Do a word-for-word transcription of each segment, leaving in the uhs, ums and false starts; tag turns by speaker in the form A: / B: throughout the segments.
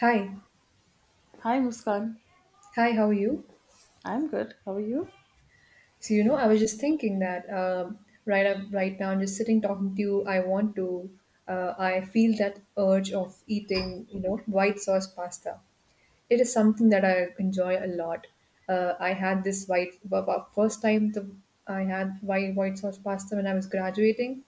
A: Hi,
B: Hi Muskan.
A: hi. How are you?
B: I'm good. How are you?
A: So you know, I was just thinking that um, right up, Right now, I'm just sitting talking to you. I want to. Uh, I feel that urge of eating, you know, white sauce pasta. It is something that I enjoy a lot. Uh, I had this white bu- bu- first time the I had white white sauce pasta when I was graduating,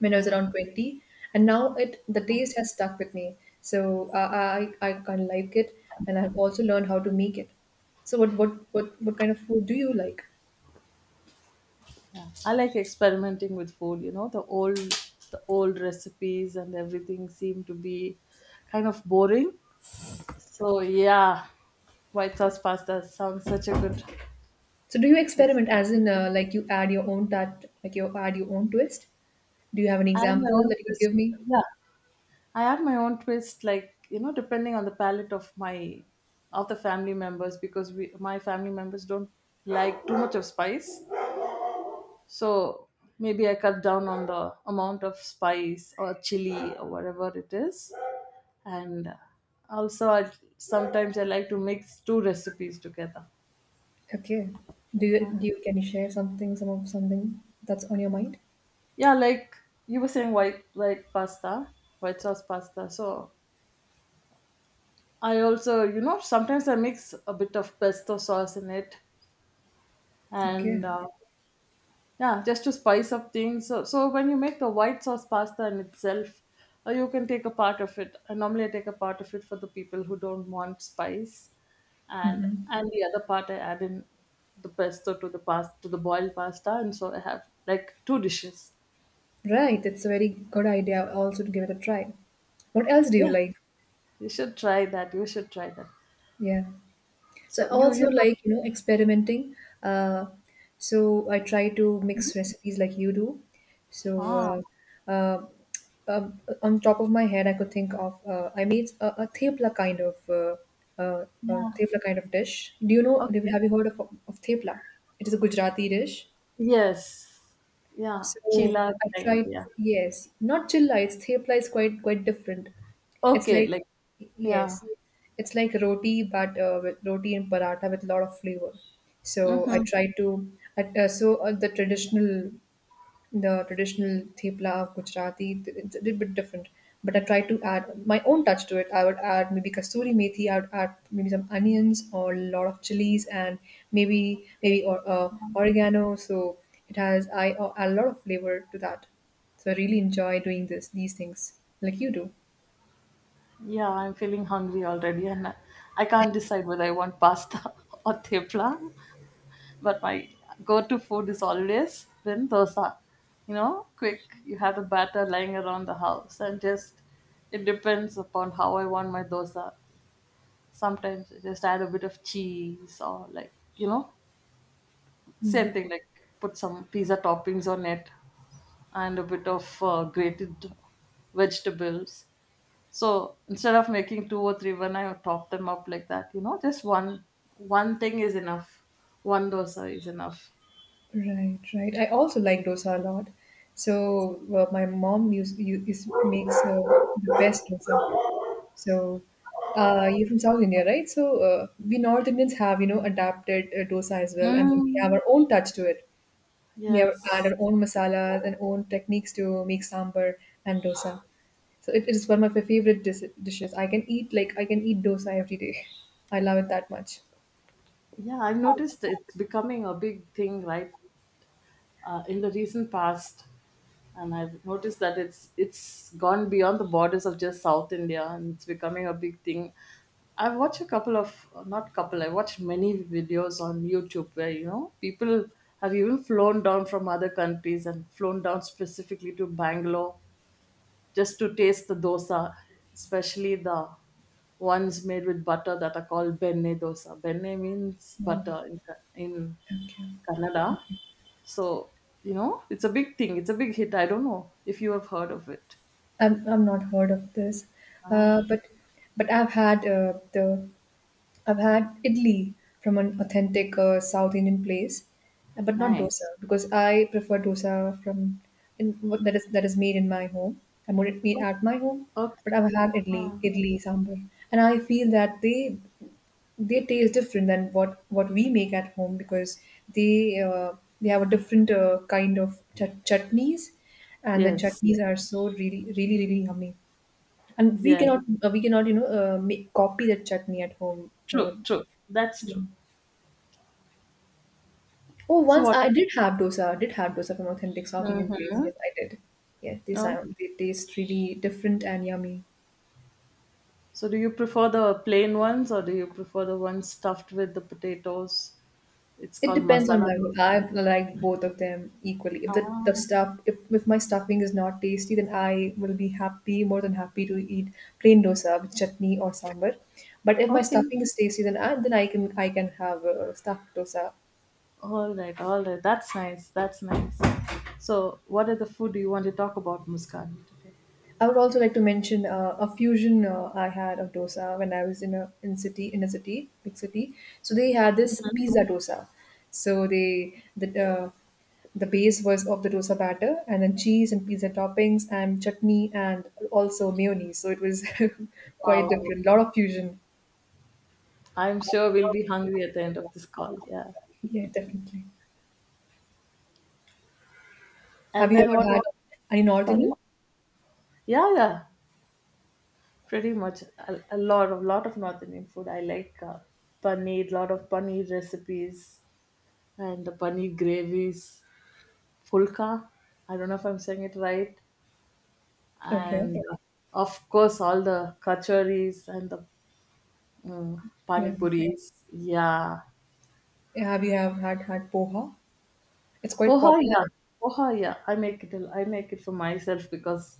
A: when I was
B: Wow.
A: around twenty, and now it the taste has stuck with me. So uh, I I kind of like it, and I've also learned how to make it. So what what what what kind of food do you like?
B: I like experimenting with food, you know, the old the old recipes and everything seem to be kind of boring. So yeah, white sauce pasta sounds such a good.
A: So do you experiment, as in uh, like you add your own that like you add your own twist? Do you have an
B: I have my
A: example
B: own
A: that you could
B: twist.
A: give me?
B: Yeah. I have my own twist, like, you know, depending on the palate of my of the family members because we my family members don't like too much of spice. So maybe I cut down on the amount of spice or chili or whatever it is. And also, I, sometimes I like to mix two recipes together.
A: Okay. Do you
B: Uh,
A: do you can you share something some of something that's on your mind?
B: yeah, like you were saying, white white pasta, white sauce pasta. So I also, you know, sometimes I mix a bit of pesto sauce in it,
A: Okay.
B: and uh, yeah, just to spice up things. So, so when you make the white sauce pasta in itself, uh, you can take a part of it. And normally I take a part of it for the people who don't want spice, and
A: Mm-hmm.
B: and the other part I add in the pesto to the past to the boiled pasta, and so I have like two dishes.
A: Right. It's a very good idea also to give it a try. What else do you
B: Yeah,
A: like?
B: you should try that. You should try that.
A: Yeah. So I
B: So you
A: also
B: you do.
A: like, you know, experimenting. Uh, so I try to mix recipes like you do.
B: Ah,
A: So uh, uh, um, on top of my head, I could think of uh, I made a, a thepla kind of uh, uh, uh,
B: yeah,
A: thepla kind of dish. Do you know?
B: okay,
A: Have you heard of, of thepla? It is a Gujarati dish.
B: yes, yeah,
A: So
B: chila
A: I
B: kind,
A: tried,
B: yeah,
A: yes, not chill lights. Thepla is quite quite different. It's
B: okay,
A: like,
B: like, yeah.
A: yes, it's like roti, but uh, with roti and paratha with a lot of flavor. So I
B: Mm-hmm.
A: tried to, at, uh, so uh, the traditional the traditional thepla of Gujarati. It's a little bit different, but I try to add my own touch to it. I would add maybe kasuri methi. I would add maybe some onions or a lot of chilies and maybe maybe or uh, oregano. So it has I a a lot of flavor to that. So I really enjoy doing this these things like you do.
B: Yeah, I'm feeling hungry already, and I can't decide whether I want pasta or tepla. But my go-to food is always been dosa. You know, quick. You have the batter lying around the house, and just it depends upon how I want my dosa. Sometimes I just add a bit of cheese, or, like, you know, same
A: Mm.
B: thing, like put some pizza toppings on it and a bit of uh, grated vegetables. So instead of making two or three, when I top them up like that, you know, just one one thing is enough. One dosa is enough.
A: Right, right. I also like dosa a lot. So uh, my mom used, used, makes uh, the best dosa. So, uh, you're from South India, right? So, uh, we North Indians have, you know, adapted uh, dosa as well, and then we
B: Mm.
A: have our own touch to it. We have
B: Yes.
A: add our own masalas and own techniques to make sambar and dosa. So it, it is one of my favorite dis- dishes. I can eat like I can eat dosa every day. I love it that much.
B: Yeah, I've noticed it's becoming a big thing, right? Uh, in the recent past, and I've noticed that it's it's gone beyond the borders of just South India, and it's becoming a big thing. I've watched a couple of, not couple. I watched many videos on YouTube where, you know, people have even flown down from other countries and flown down specifically to Bangalore just to taste the dosa, especially the ones made with butter that are called benne dosa. Benne means
A: Mm.
B: butter in Ka- in
A: Okay.
B: Kannada, so, you know, it's a big thing. It's a big hit. I don't know if you have heard of it.
A: I'm, I'm not heard of this,
B: Oh,
A: uh, but but I've had uh, the I've had idli from an authentic uh, South Indian place, uh, but not
B: nice.
A: dosa because I prefer dosa from in, what that is that is made in my home. I made it made
B: O-
A: at my home, but
B: Okay.
A: I've had idli,
B: Ah,
A: idli sambar, and I feel that they they taste different than what what we make at home because they uh, they have a different uh, kind of chut- chutneys, and the
B: yes. Yeah.
A: chutneys are so really really really yummy and we
B: Yeah.
A: cannot uh, we cannot you know uh, make, copy that chutney at home uh,
B: True. True. That's true.
A: Oh,
B: So
A: once
B: what?
A: I did have dosa. I did have dosa from authentic South Indian place.
B: Mm-hmm.
A: Yes, I did. Yes, they
B: Oh.
A: sound they taste really different and yummy.
B: So do you prefer the plain ones or do you prefer the ones stuffed with the potatoes? It's
A: It
B: called
A: depends on
B: masala.
A: my
B: dosa.
A: mood. I like both of them equally. If the, the
B: Ah,
A: stuff if, if my stuffing is not tasty, then I will be happy, more than happy to eat plain dosa with chutney or sambar. But if my
B: okay.
A: stuffing is tasty, then I then I can I can have uh, stuffed dosa.
B: All right. All right. That's nice. That's nice. So what other food do you want to talk about, Muskan, today?
A: I would also like to mention uh, a fusion uh, I had of dosa when I was in a in city in a city, big city. So they had this pizza dosa. So they the uh, the base was of the dosa batter and then cheese and pizza toppings and chutney and also mayonnaise. So it was quite
B: Wow.
A: different. A lot of fusion.
B: I'm sure we'll be hungry at the end of this call. Yeah.
A: Yeah, definitely. Have
B: And
A: you
B: then
A: ever
B: what
A: had
B: is,
A: any North
B: sorry?
A: Indian?
B: Yeah, yeah. Pretty much a, a lot of lot of North Indian food. I like uh, paneer, lot of paneer recipes and the paneer gravies, fulka. I don't know if I'm saying it right. And
A: Okay.
B: uh, of course, all the kachoris and the mm, pani
A: Yeah.
B: puris. Yeah.
A: Yeah, have you have had had poha? It's quite
B: Poha, yeah.
A: popular.
B: Poha, yeah. I make it. I make it for myself because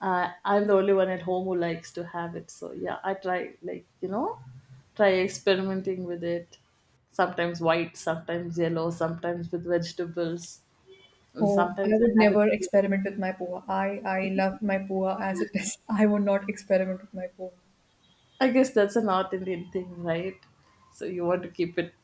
B: uh, I'm the only one at home who likes to have it. So yeah, I try, like, you know, try experimenting with it. Sometimes white, sometimes yellow, sometimes with vegetables, and
A: Oh, I
B: sometimes
A: would
B: I have
A: never
B: it.
A: experiment with my poha. I I love my poha as it is. I would not experiment with my poha.
B: I guess that's a North Indian thing, right? So you want to keep it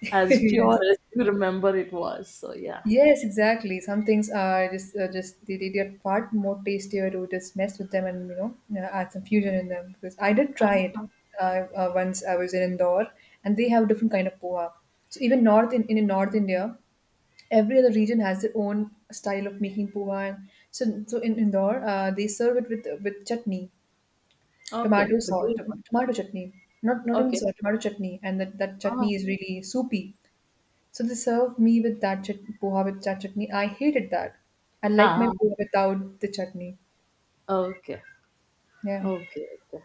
B: as pure
A: Yes.
B: as you remember it was. So yeah.
A: Yes, exactly. Some things are just uh, just they, they they are far more tastier to just mess with them and you know uh, add some fusion in them because I did try it
B: Uh-huh.
A: uh, uh, once I was in Indore and they have different kind of poha. So even north in, in North India, every other region has their own style of making poha. And so so in Indore, uh, they serve it with with chutney.
B: Okay,
A: Tomato
B: the
A: sauce,
B: green
A: to
B: one.
A: tomato chutney. Not not even
B: Okay.
A: sauce, tomato chutney, and that that
B: Ah,
A: chutney is really soupy. So they served me with that chut poha with that chutney. I hated that. I like my
B: ah,
A: poha without the chutney.
B: ah, okay,
A: Yeah.
B: okay, okay.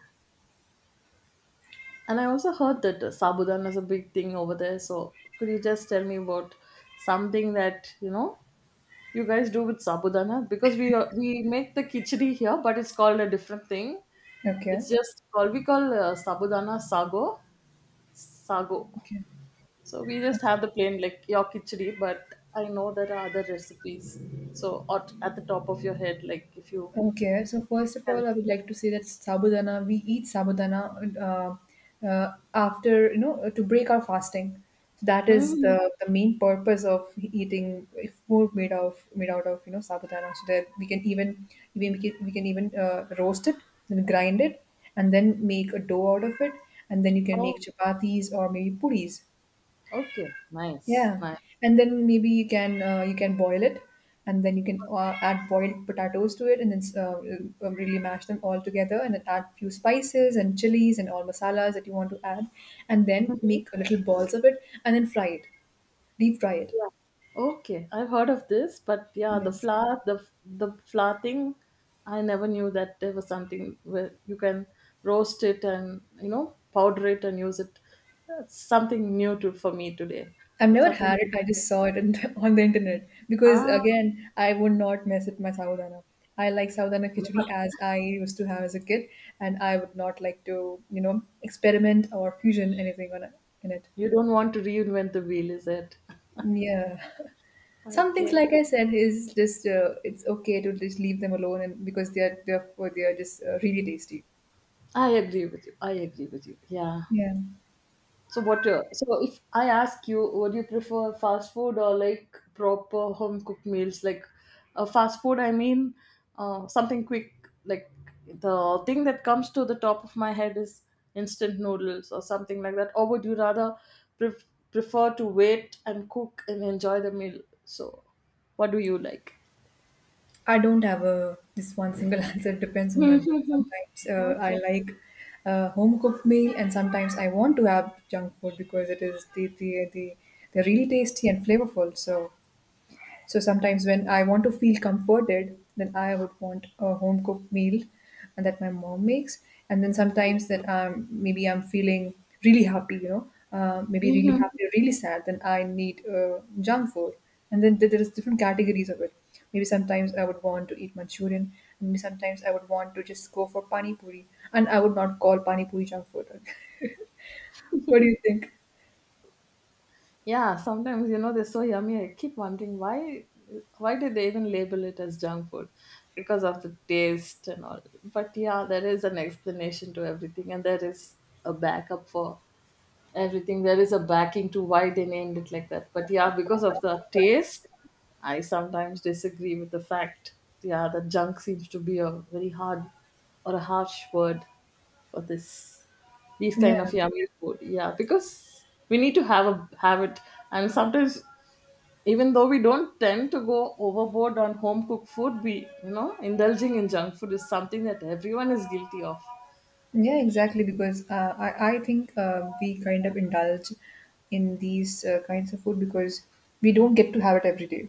B: And I also heard that uh, Sabudan is a big thing over there. So could you just tell me about something that, you know, you guys do with Sabudana? Because we uh, we make the khichdi here, but it's called a different thing.
A: Okay.
B: It's just called We call uh, Sabudana sago, sago.
A: Okay.
B: So we just
A: That's it.
B: have the plain, like your khichdi, but I know there are other recipes. So at, at the top of your head, like if you
A: Okay, so first of
B: can.
A: all, I would like to say that sabudana, we eat sabudana uh, uh, after, you know, to break our fasting. So that is
B: Hmm.
A: the, the main purpose of eating food made of made out of, you know, sabudana. So that we can even even we can, we can even uh, roast it, then grind it, and then make a dough out of it, and then you can make
B: Oh,
A: chapatis or maybe puris.
B: okay, nice,
A: Yeah,
B: nice.
A: and then maybe you can uh, you can boil it, and then you can uh, add boiled potatoes to it, and then uh, uh, really mash them all together, and then add few spices and chilies and all masalas that you want to add, and then make little balls of it, and then fry it, deep fry it.
B: Yeah. Okay, I've heard of this, but yeah, the
A: Yes.
B: flower, the the flower thing, I never knew that there was something where you can roast it and, you know, powder it and use it. That's something new to for me today.
A: I've
B: That's
A: never
B: something
A: had
B: new.
A: it. I just saw it in on the internet because
B: Ah,
A: again, I would not mess with my sawadana. I like sawadana khichdi as I used to have as a kid, and I would not like to, you know, experiment or fusion anything on it, in it.
B: you don't want to reinvent the wheel, is it?
A: Yeah, some things
B: Okay,
A: like I said is just uh, it's okay to just leave them alone, and because they are therefore they are just uh, really tasty.
B: I agree with you. I agree with you. Yeah.
A: Yeah.
B: So what? Uh, so if I ask you, would you prefer fast food or, like, proper home cooked meals? Like, uh, fast food, I mean, uh, something quick. Like, the thing that comes to the top of my head is instant noodles or something like that. Or would you rather pref- prefer to wait and cook and enjoy the meal? So, what do you like?
A: I don't have a this one single answer. It depends on my mood. Sometimes uh, I
B: Okay.
A: like a home cooked meal, and sometimes I want to have junk food because it is the the the they're really tasty and flavorful. So so sometimes when I want to feel comforted, then I would want a home cooked meal and that my mom makes. And then sometimes that um, maybe I'm feeling really happy, you know, uh, maybe really
B: Mhm.
A: happy or really sad, then I need uh, junk food. And then there there is different categories of it. Maybe sometimes I would want to eat Manchurian, and maybe sometimes I would want to just go for pani puri, and I would not call pani puri junk food. What do you think?
B: Yeah, sometimes, you know, they're so yummy. I keep wondering why why did they even label it as junk food? Because of the taste and all. But yeah, there is an explanation to everything, and there is a backup for everything. There is a backing to why they named it like that. But yeah, because of the taste, I sometimes disagree with the fact. Yeah, that junk seems to be a very hard or a harsh word for this these kind
A: Yeah.
B: of yummy food. Yeah, because we need to have a have it, and sometimes, even though we don't tend to go overboard on home cooked food, we you know indulging in junk food is something that everyone is guilty of.
A: Yeah, exactly. Because uh, I, I think uh, we kind of indulge in these uh, kinds of food because we don't get to have it every day.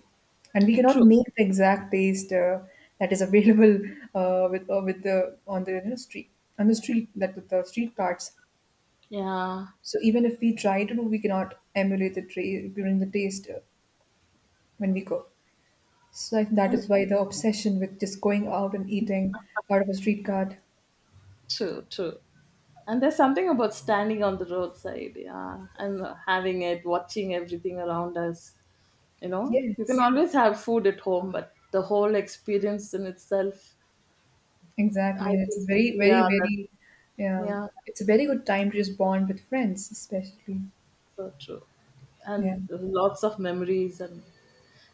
A: And we cannot
B: True.
A: make the exact taste uh, that is available uh, with uh, with the on the you know, street on the street that with the street carts.
B: Yeah.
A: So even if we try to do, we cannot emulate the tra- during the taste uh, when we go. So I think that
B: And-
A: is why the obsession with just going out and eating out of a street cart.
B: True. True. And there's something about standing on the roadside, yeah, and having it, watching everything around us. You know, you can
A: Yes.
B: always have food at home, but the whole experience in itself,
A: Exactly,
B: I
A: and it's
B: think,
A: very, very,
B: yeah, that,
A: very,
B: yeah,
A: um, it's a very good time to just bond with friends, especially.
B: that's so true.
A: Yeah,
B: And lots of memories, and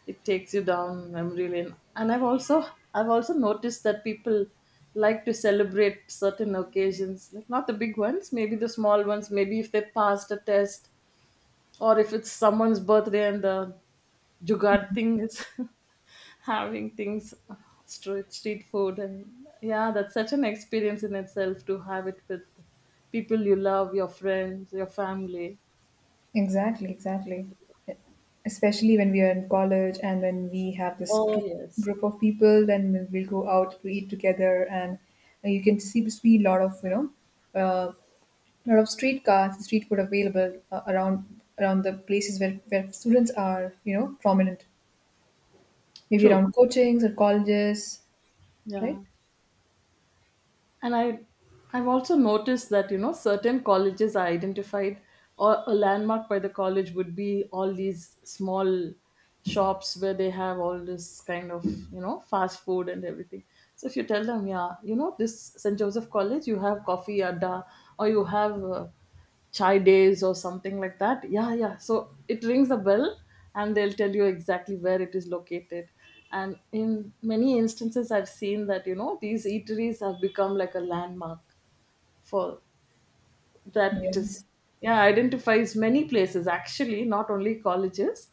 B: it takes you down memory lane. And I've also, I've also noticed that people like to celebrate certain occasions, like not the big ones, maybe the small ones, maybe if they passed a test or if it's someone's birthday, and the jugaad thing is having things, street street food. And yeah, that's such an experience in itself to have it with people you love, your friends, your family.
A: exactly, exactly. Especially when we are in college and when we have this group,
B: Oh yes,
A: group of people, then we'll go out to eat together, and uh, you can see see a lot of you know, uh, lot of street cars, street food available uh, around around the places where where students are, you know, prominent. Maybe
B: true,
A: around coachings or colleges, right?
B: yeah. And I, I've also noticed that, you know, certain colleges are identified, or a landmark by the college would be all these small shops where they have all this kind of, you know, fast food and everything. So if you tell them, yeah, you know, this St Joseph College, you have coffee adda, or you have uh, chai days or something like that. Yeah, yeah, so it rings a bell, and they'll tell you exactly where it is located. And in many instances, I've seen that, you know, these eateries have become like a landmark for,
A: Yeah,
B: that is, yeah, identifies many places actually, not only colleges,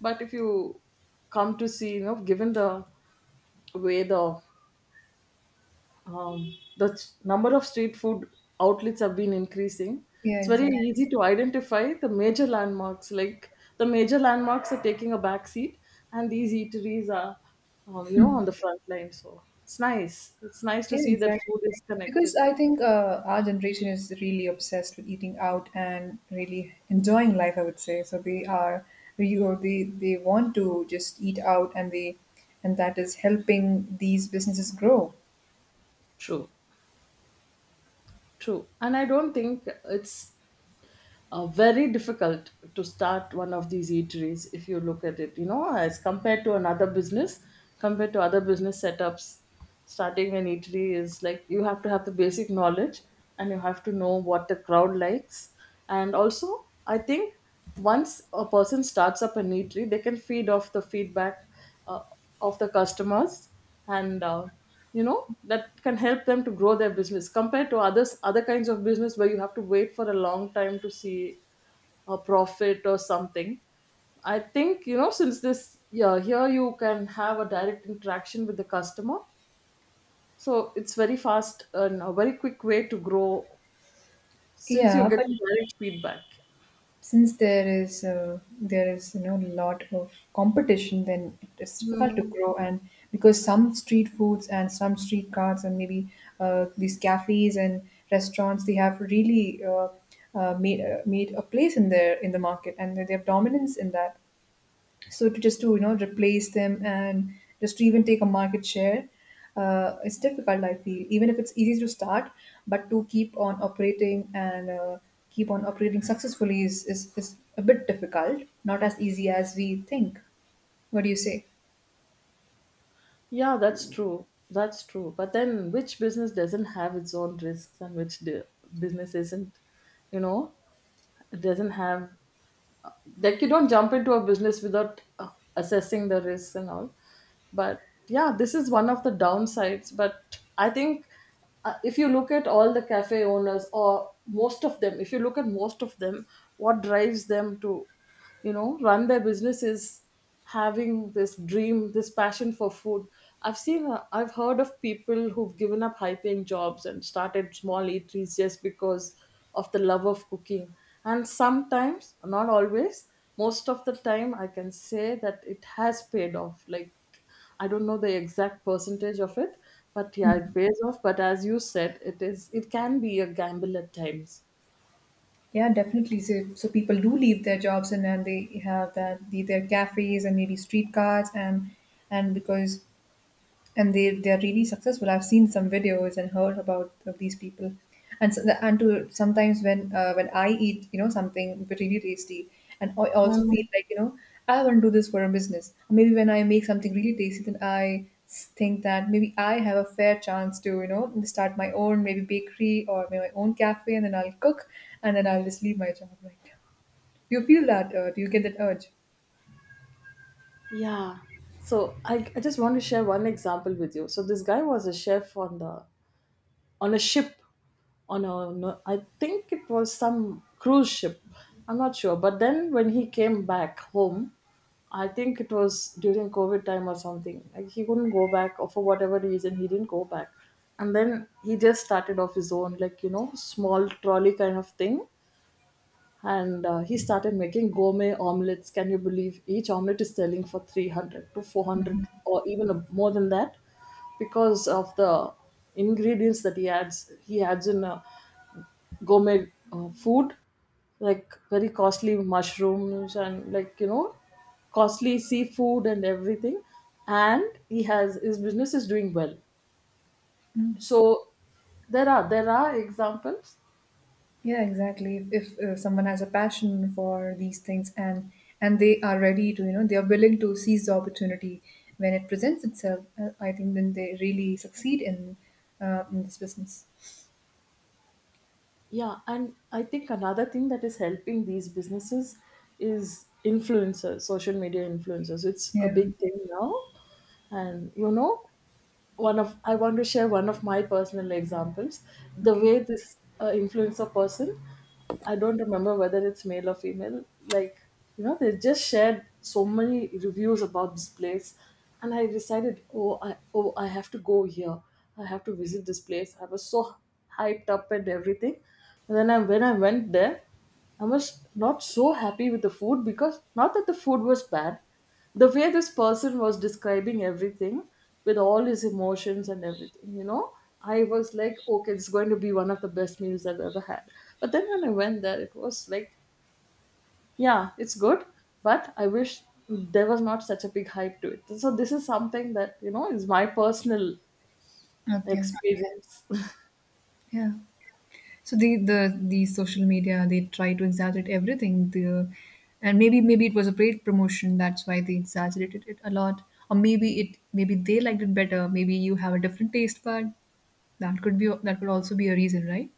B: but if you come to see, you know, given the way the um, the s- number of street food outlets have been increasing.
A: yeah,
B: It's very
A: exactly.
B: easy to identify the major landmarks. Like, the major landmarks are taking a back seat, and these eateries are, um, you know, on the front line. So it's nice. It's nice to
A: Yeah,
B: see that
A: exactly.
B: food is
A: Because
B: connected.
A: I think uh, our generation is really obsessed with eating out and really enjoying life, I would say. So they are, you know, they, they want to just eat out and they, and that is helping these businesses grow.
B: True, true. And I don't think it's uh, very difficult to start one of these eateries, if you look at it, you know, as compared to another business, compared to other business setups. Starting an eatery is like you have to have the basic knowledge, and you have to know what the crowd likes. And also, I think, once a person starts up an eatery, they can feed off the feedback Uh, of the customers, and uh, you know, that can help them to grow their business compared to others other kinds of business, where you have to wait for a long time to see a profit or something. I think, you know, since this, yeah, here you can have a direct interaction with the customer. So it's very fast and a very quick way to grow, since you're
A: Yeah, but
B: getting direct feedback.
A: since there is uh, there is you know a lot of competition then it's difficult to
B: Hmm.
A: grow and because some street foods and some street carts and maybe uh, these cafes and restaurants they have really uh, uh, made uh, made a place in their in the market and they have dominance in that so to just to you know replace them and just to even take a market share, uh, it's difficult. I feel even if it's easy to start, but to keep on operating and uh, keep on operating successfully is, is is a bit difficult. Not as easy as we think. What do you say?
B: Yeah, that's true. That's true. But then, which business doesn't have its own risks, and which di- business isn't, you know, doesn't have like you don't jump into a business without uh, assessing the risks and all, but yeah, this is one of the downsides. But I think uh, if you look at all the cafe owners, or most of them, if you look at most of them, what drives them to you know run their business is having this dream, this passion for food. I've seen uh, I've heard of people who've given up high paying jobs and started small eateries just because of the love of cooking. And sometimes, not always, most of the time, I can say that it has paid off. Like, I don't know the exact percentage of it, but yeah, it pays off. But as you said, it is it can be a gamble at times.
A: Yeah, definitely. So, so people do leave their jobs and then they have that the, their cafes and maybe street carts and and because and they they are really successful. I've seen some videos and heard about of these people, and so and to sometimes when uh, when I eat you know something really tasty, and I also feel
B: Mm.
A: like you know I want to do this for a business. Maybe when I make something really tasty, then I s- think that maybe I have a fair chance to you know start my own maybe bakery or maybe my own cafe, and then I'll cook, and then I'll just leave my job right now. Do you feel that? Uh, do you get that urge?
B: Yeah. So I, I just want to share one example with you. So this guy was a chef on the on a ship, on a no, I think it was some cruise ship. I'm not sure. But then when he came back home, I think it was during COVID time or something. Like, he couldn't go back, or for whatever reason, he didn't go back. And then he just started off his own, like you know, small trolley kind of thing, and uh, he started making gourmet omelets. Can you believe each omelet is selling for three hundred to four hundred,
A: Mm-hmm.
B: or even a, more than that, because of the ingredients that he adds he adds in uh, gourmet uh, food, like very costly mushrooms and like you know costly seafood and everything. And he has his business is doing well. So there are there are examples.
A: Yeah, exactly. If, if uh, someone has a passion for these things and and they are ready to, you know, they are willing to seize the opportunity when it presents itself, uh, I think then they really succeed in uh, in this business.
B: Yeah, and I think another thing that is helping these businesses is influencers, social media influencers. It's a
A: Yeah.
B: big thing now. And you know, one of I want to share one of my personal examples, the
A: Okay.
B: way this uh, influencer person, I don't remember whether it's male or female. Like, you know, they just shared so many reviews about this place, and I decided, oh i oh I have to go here, I have to visit this place. I was so hyped up and everything. And then I, when I went there, I was not so happy with the food. Because, not that the food was bad, the way this person was describing everything with all his emotions and everything, you know, I was like, okay, it's going to be one of the best meals I've ever had. But then when I went there, it was like, yeah, it's good, but I wish there was not such a big hype to it. So this is something that, you know, is my personal
A: Okay.
B: experience.
A: Yeah. So the the the social media they try to exaggerate everything. The and maybe maybe it was a paid promotion. That's why they exaggerated it a lot. Or maybe it maybe they liked it better. Maybe you have a different taste bud. That could be, that could also be a reason, right?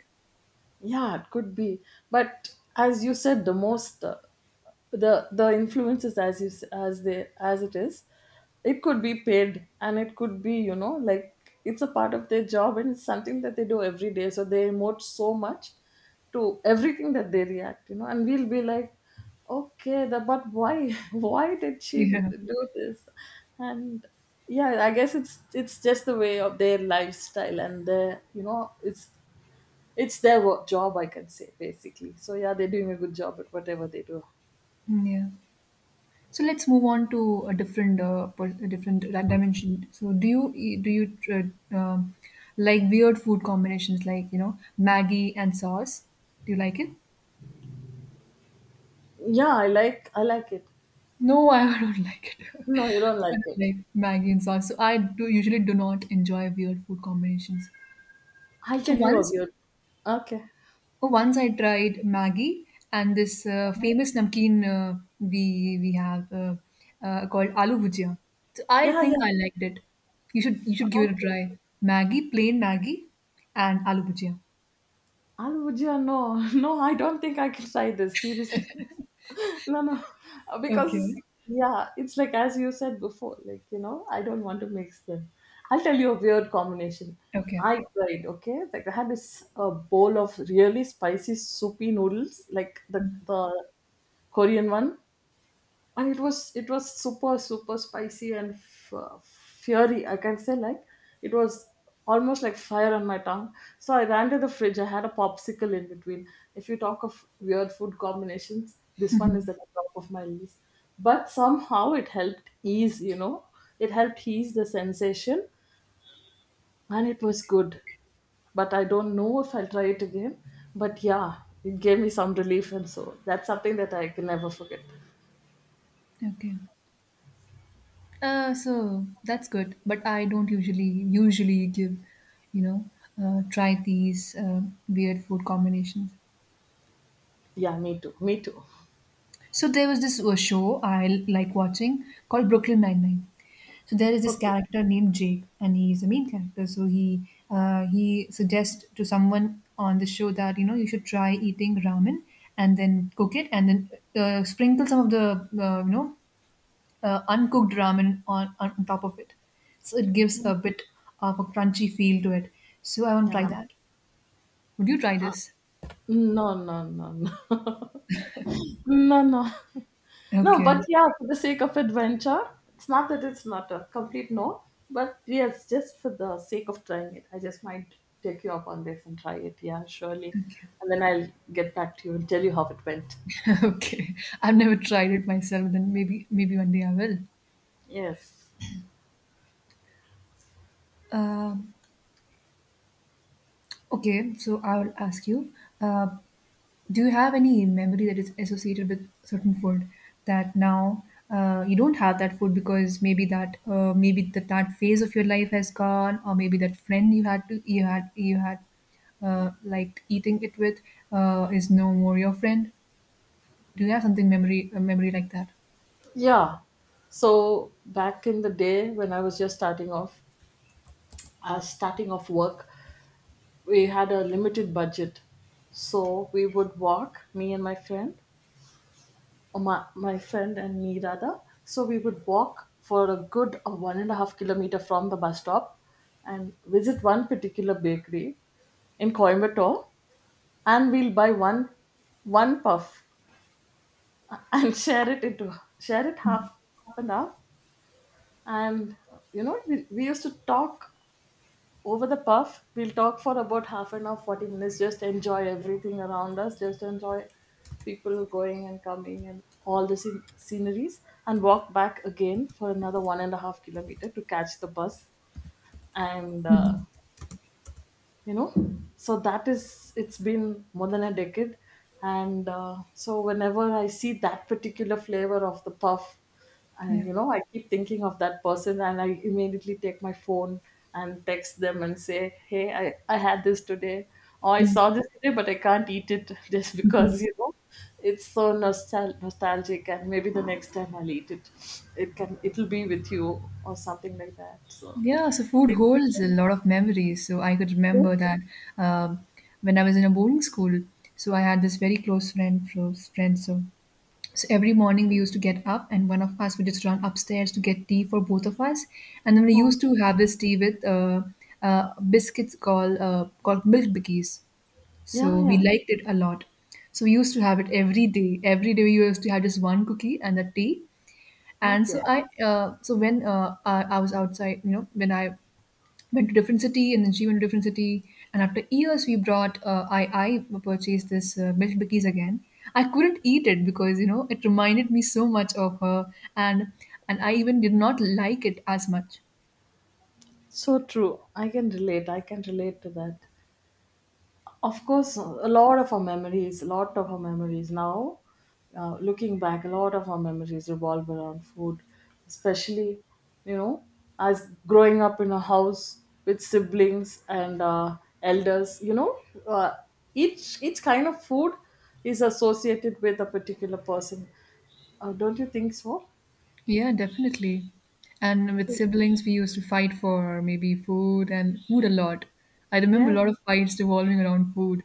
B: Yeah, it could be. But as you said, the most. Uh, the the influences as is as they as it is, it could be paid, and it could be you know like it's a part of their job, and it's something that they do every day, so they emote so much to everything that they react, you know, and we'll be like, okay, the, but why, why did she
A: Yeah,
B: do this. And yeah, I guess it's it's just the way of their lifestyle, and their you know it's it's their work, job, I can say, basically. So yeah, they're doing a good job at whatever they do.
A: mm, yeah. So let's move on to a different, uh, per- a different di- dimension. So do you eat- do you uh, um, like weird food combinations like you know Maggie and sauce? Do you like it?
B: Yeah, I like I like it.
A: No, I don't like it.
B: No, you don't
A: I
B: like
A: don't
B: it.
A: like Maggie and sauce. So I do usually do not enjoy weird food combinations.
B: I'll
A: So
B: tell you a
A: once,
B: weird. Okay.
A: oh, once I tried Maggi and this uh,
B: Um,
A: famous namkeen uh, we we have uh, uh, called aloo bhujia. So I
B: yeah,
A: think
B: yeah.
A: I liked it. You should you should give it a
B: Okay.
A: try. Maggi, plain Maggi, and aloo bhujia.
B: Al would you no, no, I don't think I can try this seriously. No, no, because
A: Okay.
B: yeah, it's like as you said before, like you know, I don't want to mix them. I'll tell you a weird combination.
A: Okay.
B: I tried, okay, like I had this uh, bowl of really spicy soupy noodles, like the the Korean one. And it was it was super super spicy and f- fury, I can say. Like, it was almost like fire on my tongue. So I ran to the fridge, I had a popsicle in between. If you talk of weird food combinations, this one is at the top of my list. But somehow it helped ease, you know, it helped ease the sensation, and it was good. But I don't know if I'll try it again, but yeah, it gave me some relief, and so that's something that I can never forget.
A: Okay. Uh, so that's good. But I don't usually usually give, you know, uh, try these uh, weird food combinations.
B: Yeah, me too me too.
A: So there was this uh, show I like watching called Brooklyn Nine Nine. So there is this
B: Okay.
A: character named Jake, and he is the main character. So he uh, he suggests to someone on the show that you know you should try eating ramen and then cook it and then uh, sprinkle some of the uh, you know uh, uncooked ramen on, on top of it. So it gives a bit of a crunchy feel to it. So I want to try
B: Yeah.
A: that. Would you try
B: Uh,
A: this?
B: no, no, no, no, no, no, no. But
A: Okay.
B: yeah, for the sake of adventure, it's not that it's not a complete no, but yes, just for the sake of trying it, I just might take you up on this and try it. Yeah, surely,
A: Okay.
B: and then I'll get back to you and tell you how it went.
A: Okay, I've never tried it myself. Then maybe maybe one day I will.
B: Yes.
A: Um okay, so I will ask you: uh, Do you have any memory that is associated with certain food that now uh, you don't have that food because maybe that uh, maybe that that phase of your life has gone, or maybe that friend you had to you had you had uh, like eating it with uh, is no more your friend? Do you have something memory a memory like that?
B: Yeah. So back in the day when I was just starting off, uh, starting off work, we had a limited budget. So we would walk, me and my friend, my, my friend and me rather. So we would walk for a good uh, one and a half kilometer from the bus stop and visit one particular bakery in Coimbatore, and we'll buy one one puff and share it into share it half, half and half. And you know, we, we used to talk over the puff. We'll talk for about half an hour, forty minutes, just enjoy everything around us, just enjoy people going and coming and all the scen- sceneries, and walk back again for another one and a half kilometer to catch the bus. And uh,
A: Mhm.
B: you know, so that is, it's been more than a decade. And uh, so whenever I see that particular flavor of the puff, uh, you know, I keep thinking of that person, and I immediately take my phone and text them and say, hey, i, I had this today, or I
A: Yeah.
B: saw this today, but I can't eat it, just because you know it's so nostal- nostalgic. And maybe the next time I'll eat it, it can it'll be with you or something like that. So
A: Yeah, so food holds a lot of memories. So I could remember that um, when I was in a boarding school, so I had this very close friend, close friend. So, so every morning we used to get up, and one of us would just run upstairs to get tea for both of us, and then we used to have this tea with uh, uh, biscuits called uh, called milk bikkies.
B: yeah.
A: So we
B: Yeah.
A: liked it a lot. So we used to have it every day. Every day we used to have just one cookie and a tea. And so
B: Okay.
A: I, uh, so when uh, I, I was outside, you know, when I went to different city and then she went to different city and after years we brought uh, i i purchased this uh, milk bikis again. I couldn't eat it because you know it reminded me so much of her, and and I even did not like it as much.
B: So true. I can relate. I can relate to that. Of course, a lot of our memories, a lot of our memories now, uh, looking back, a lot of our memories revolve around food. Especially, you know, as growing up in a house with siblings and uh, elders, you know, uh, each each kind of food is associated with a particular person. Uh, don't you think so?
A: Yeah, definitely. And with siblings we used to fight for maybe food and food a lot. I remember a
B: Yes.
A: lot of fights revolving around food.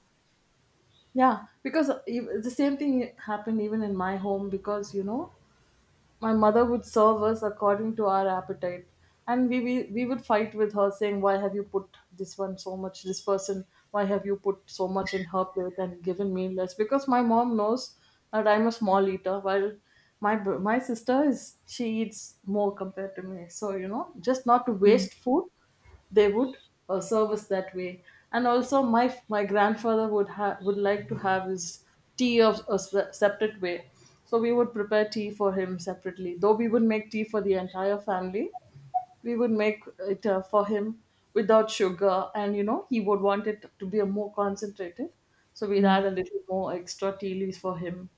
B: Yeah, because ev- the same thing happened even in my home. Because you know, my mother would serve us according to our appetite, and we we, we would fight with her saying, why have you put this one so much, this person, why have you put so much in her plate and given me less? Because my mom knows that I'm a small eater, while my br- my sister is, she eats more compared to me. So you know, just not to
A: Yeah.
B: waste food, they would uh, serve us that way. And also my my grandfather would have, would like to have his tea of a se- separate way. So we would prepare tea for him separately. Though we would make tea for the entire family, we would make it uh, for him without sugar. And you know, he would want it to be a more concentrated, so we'd add
A: Mm.
B: a little more extra tea leaves for him.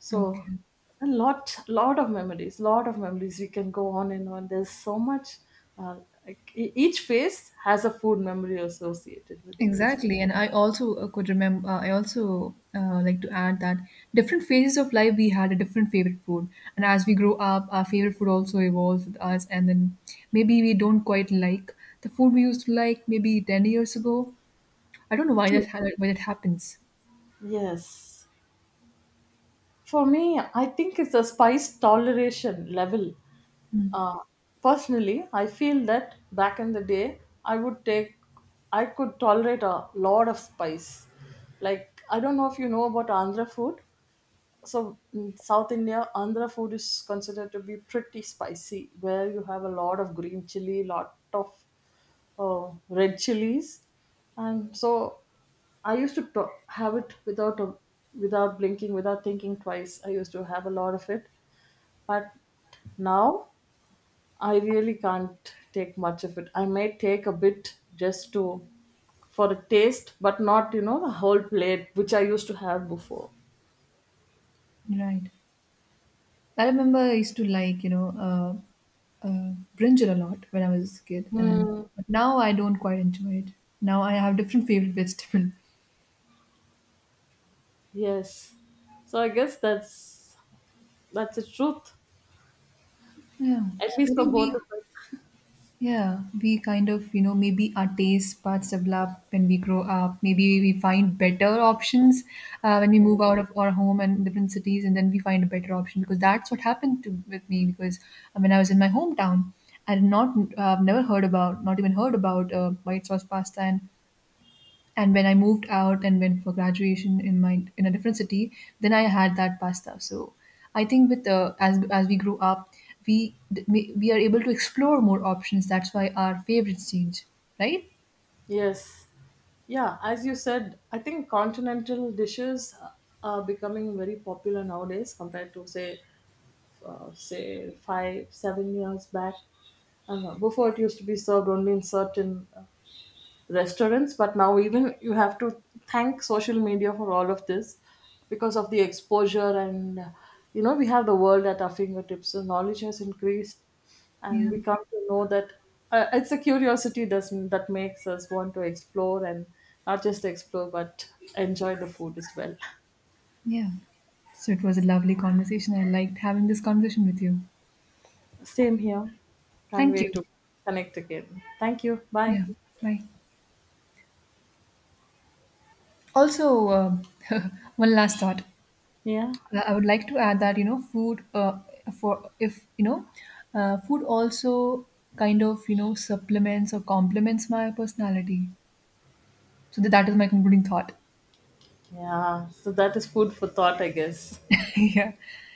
B: So
A: Okay.
B: a lot, lot of memories, lot of memories. We can go on and on. There's so much. Uh, like e- each face has a food memory associated with it. Is
A: Exactly, and I also uh, could remember. Uh, I also uh, like to add that different phases of life we had a different favorite food, and as we grow up, our favorite food also evolves with us. And then maybe we don't quite like the food we used to like maybe ten years ago. I don't know why
B: true.
A: that ha- why that happens.
B: Yes. For me, I think it's a spice toleration level.
A: Mm,
B: Uh, personally, I feel that back in the day, I would take, I could tolerate a lot of spice. Like, I don't know if you know about Andhra food. So in South India, Andhra food is considered to be pretty spicy, where you have a lot of green chili, lot of uh, red chilies. And so I used to to- have it without a, without blinking, without thinking twice. I used to have a lot of it, but now I really can't take much of it. I may take a bit, just to, for a taste, but not you know the whole plate which I used to have before.
A: right. I remember I used to like you know uh, uh, brinjal a lot when I was a kid, and
B: Hmm.
A: but now I don't quite enjoy it. Now I have different favorite vegetable.
B: Yes. So I guess that's that's the truth,
A: Yeah,
B: at
A: I
B: least for
A: think
B: both
A: we,
B: of us.
A: yeah, we kind of, you know, maybe our taste buds develop when we grow up. Maybe we find better options uh, when we move out of our home and different cities, and then we find a better option because that's what happened to with me. Because uh, when I was in my hometown, I did not, uh, never heard about, not even heard about uh, white sauce pasta, and and when I moved out and went for graduation in my in a different city, then I had that pasta. So I think with uh, as as we grew up, we we are able to explore more options. That's why our favorites change, right?
B: Yes. Yeah, as you said, I think continental dishes uh, are becoming very popular nowadays compared to say uh, say five seven years back. I don't know. Before it used to be served only in certain uh, restaurants. But now even, you have to thank social media for all of this. Because of the exposure, and uh, you know, we have the world at our fingertips, so knowledge has increased, and
A: Yeah,
B: we come to know that uh, it's a curiosity that's, that makes us want to explore, and not just explore, but enjoy the food as well.
A: yeah. So it was a lovely conversation. I liked having this conversation with you.
B: Same here, can't
A: Thank you.
B: wait to connect again, thank you, bye.
A: Yeah, bye. Also, um one last thought.
B: Yeah,
A: Uh, I would like to add that, you know, food uh, for if, you know, uh, food also kind of, you know, supplements or complements my personality. So that that is my concluding thought.
B: yeah. So that is food for thought, I guess.
A: Yeah.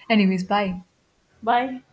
A: Anyways, bye.
B: Bye.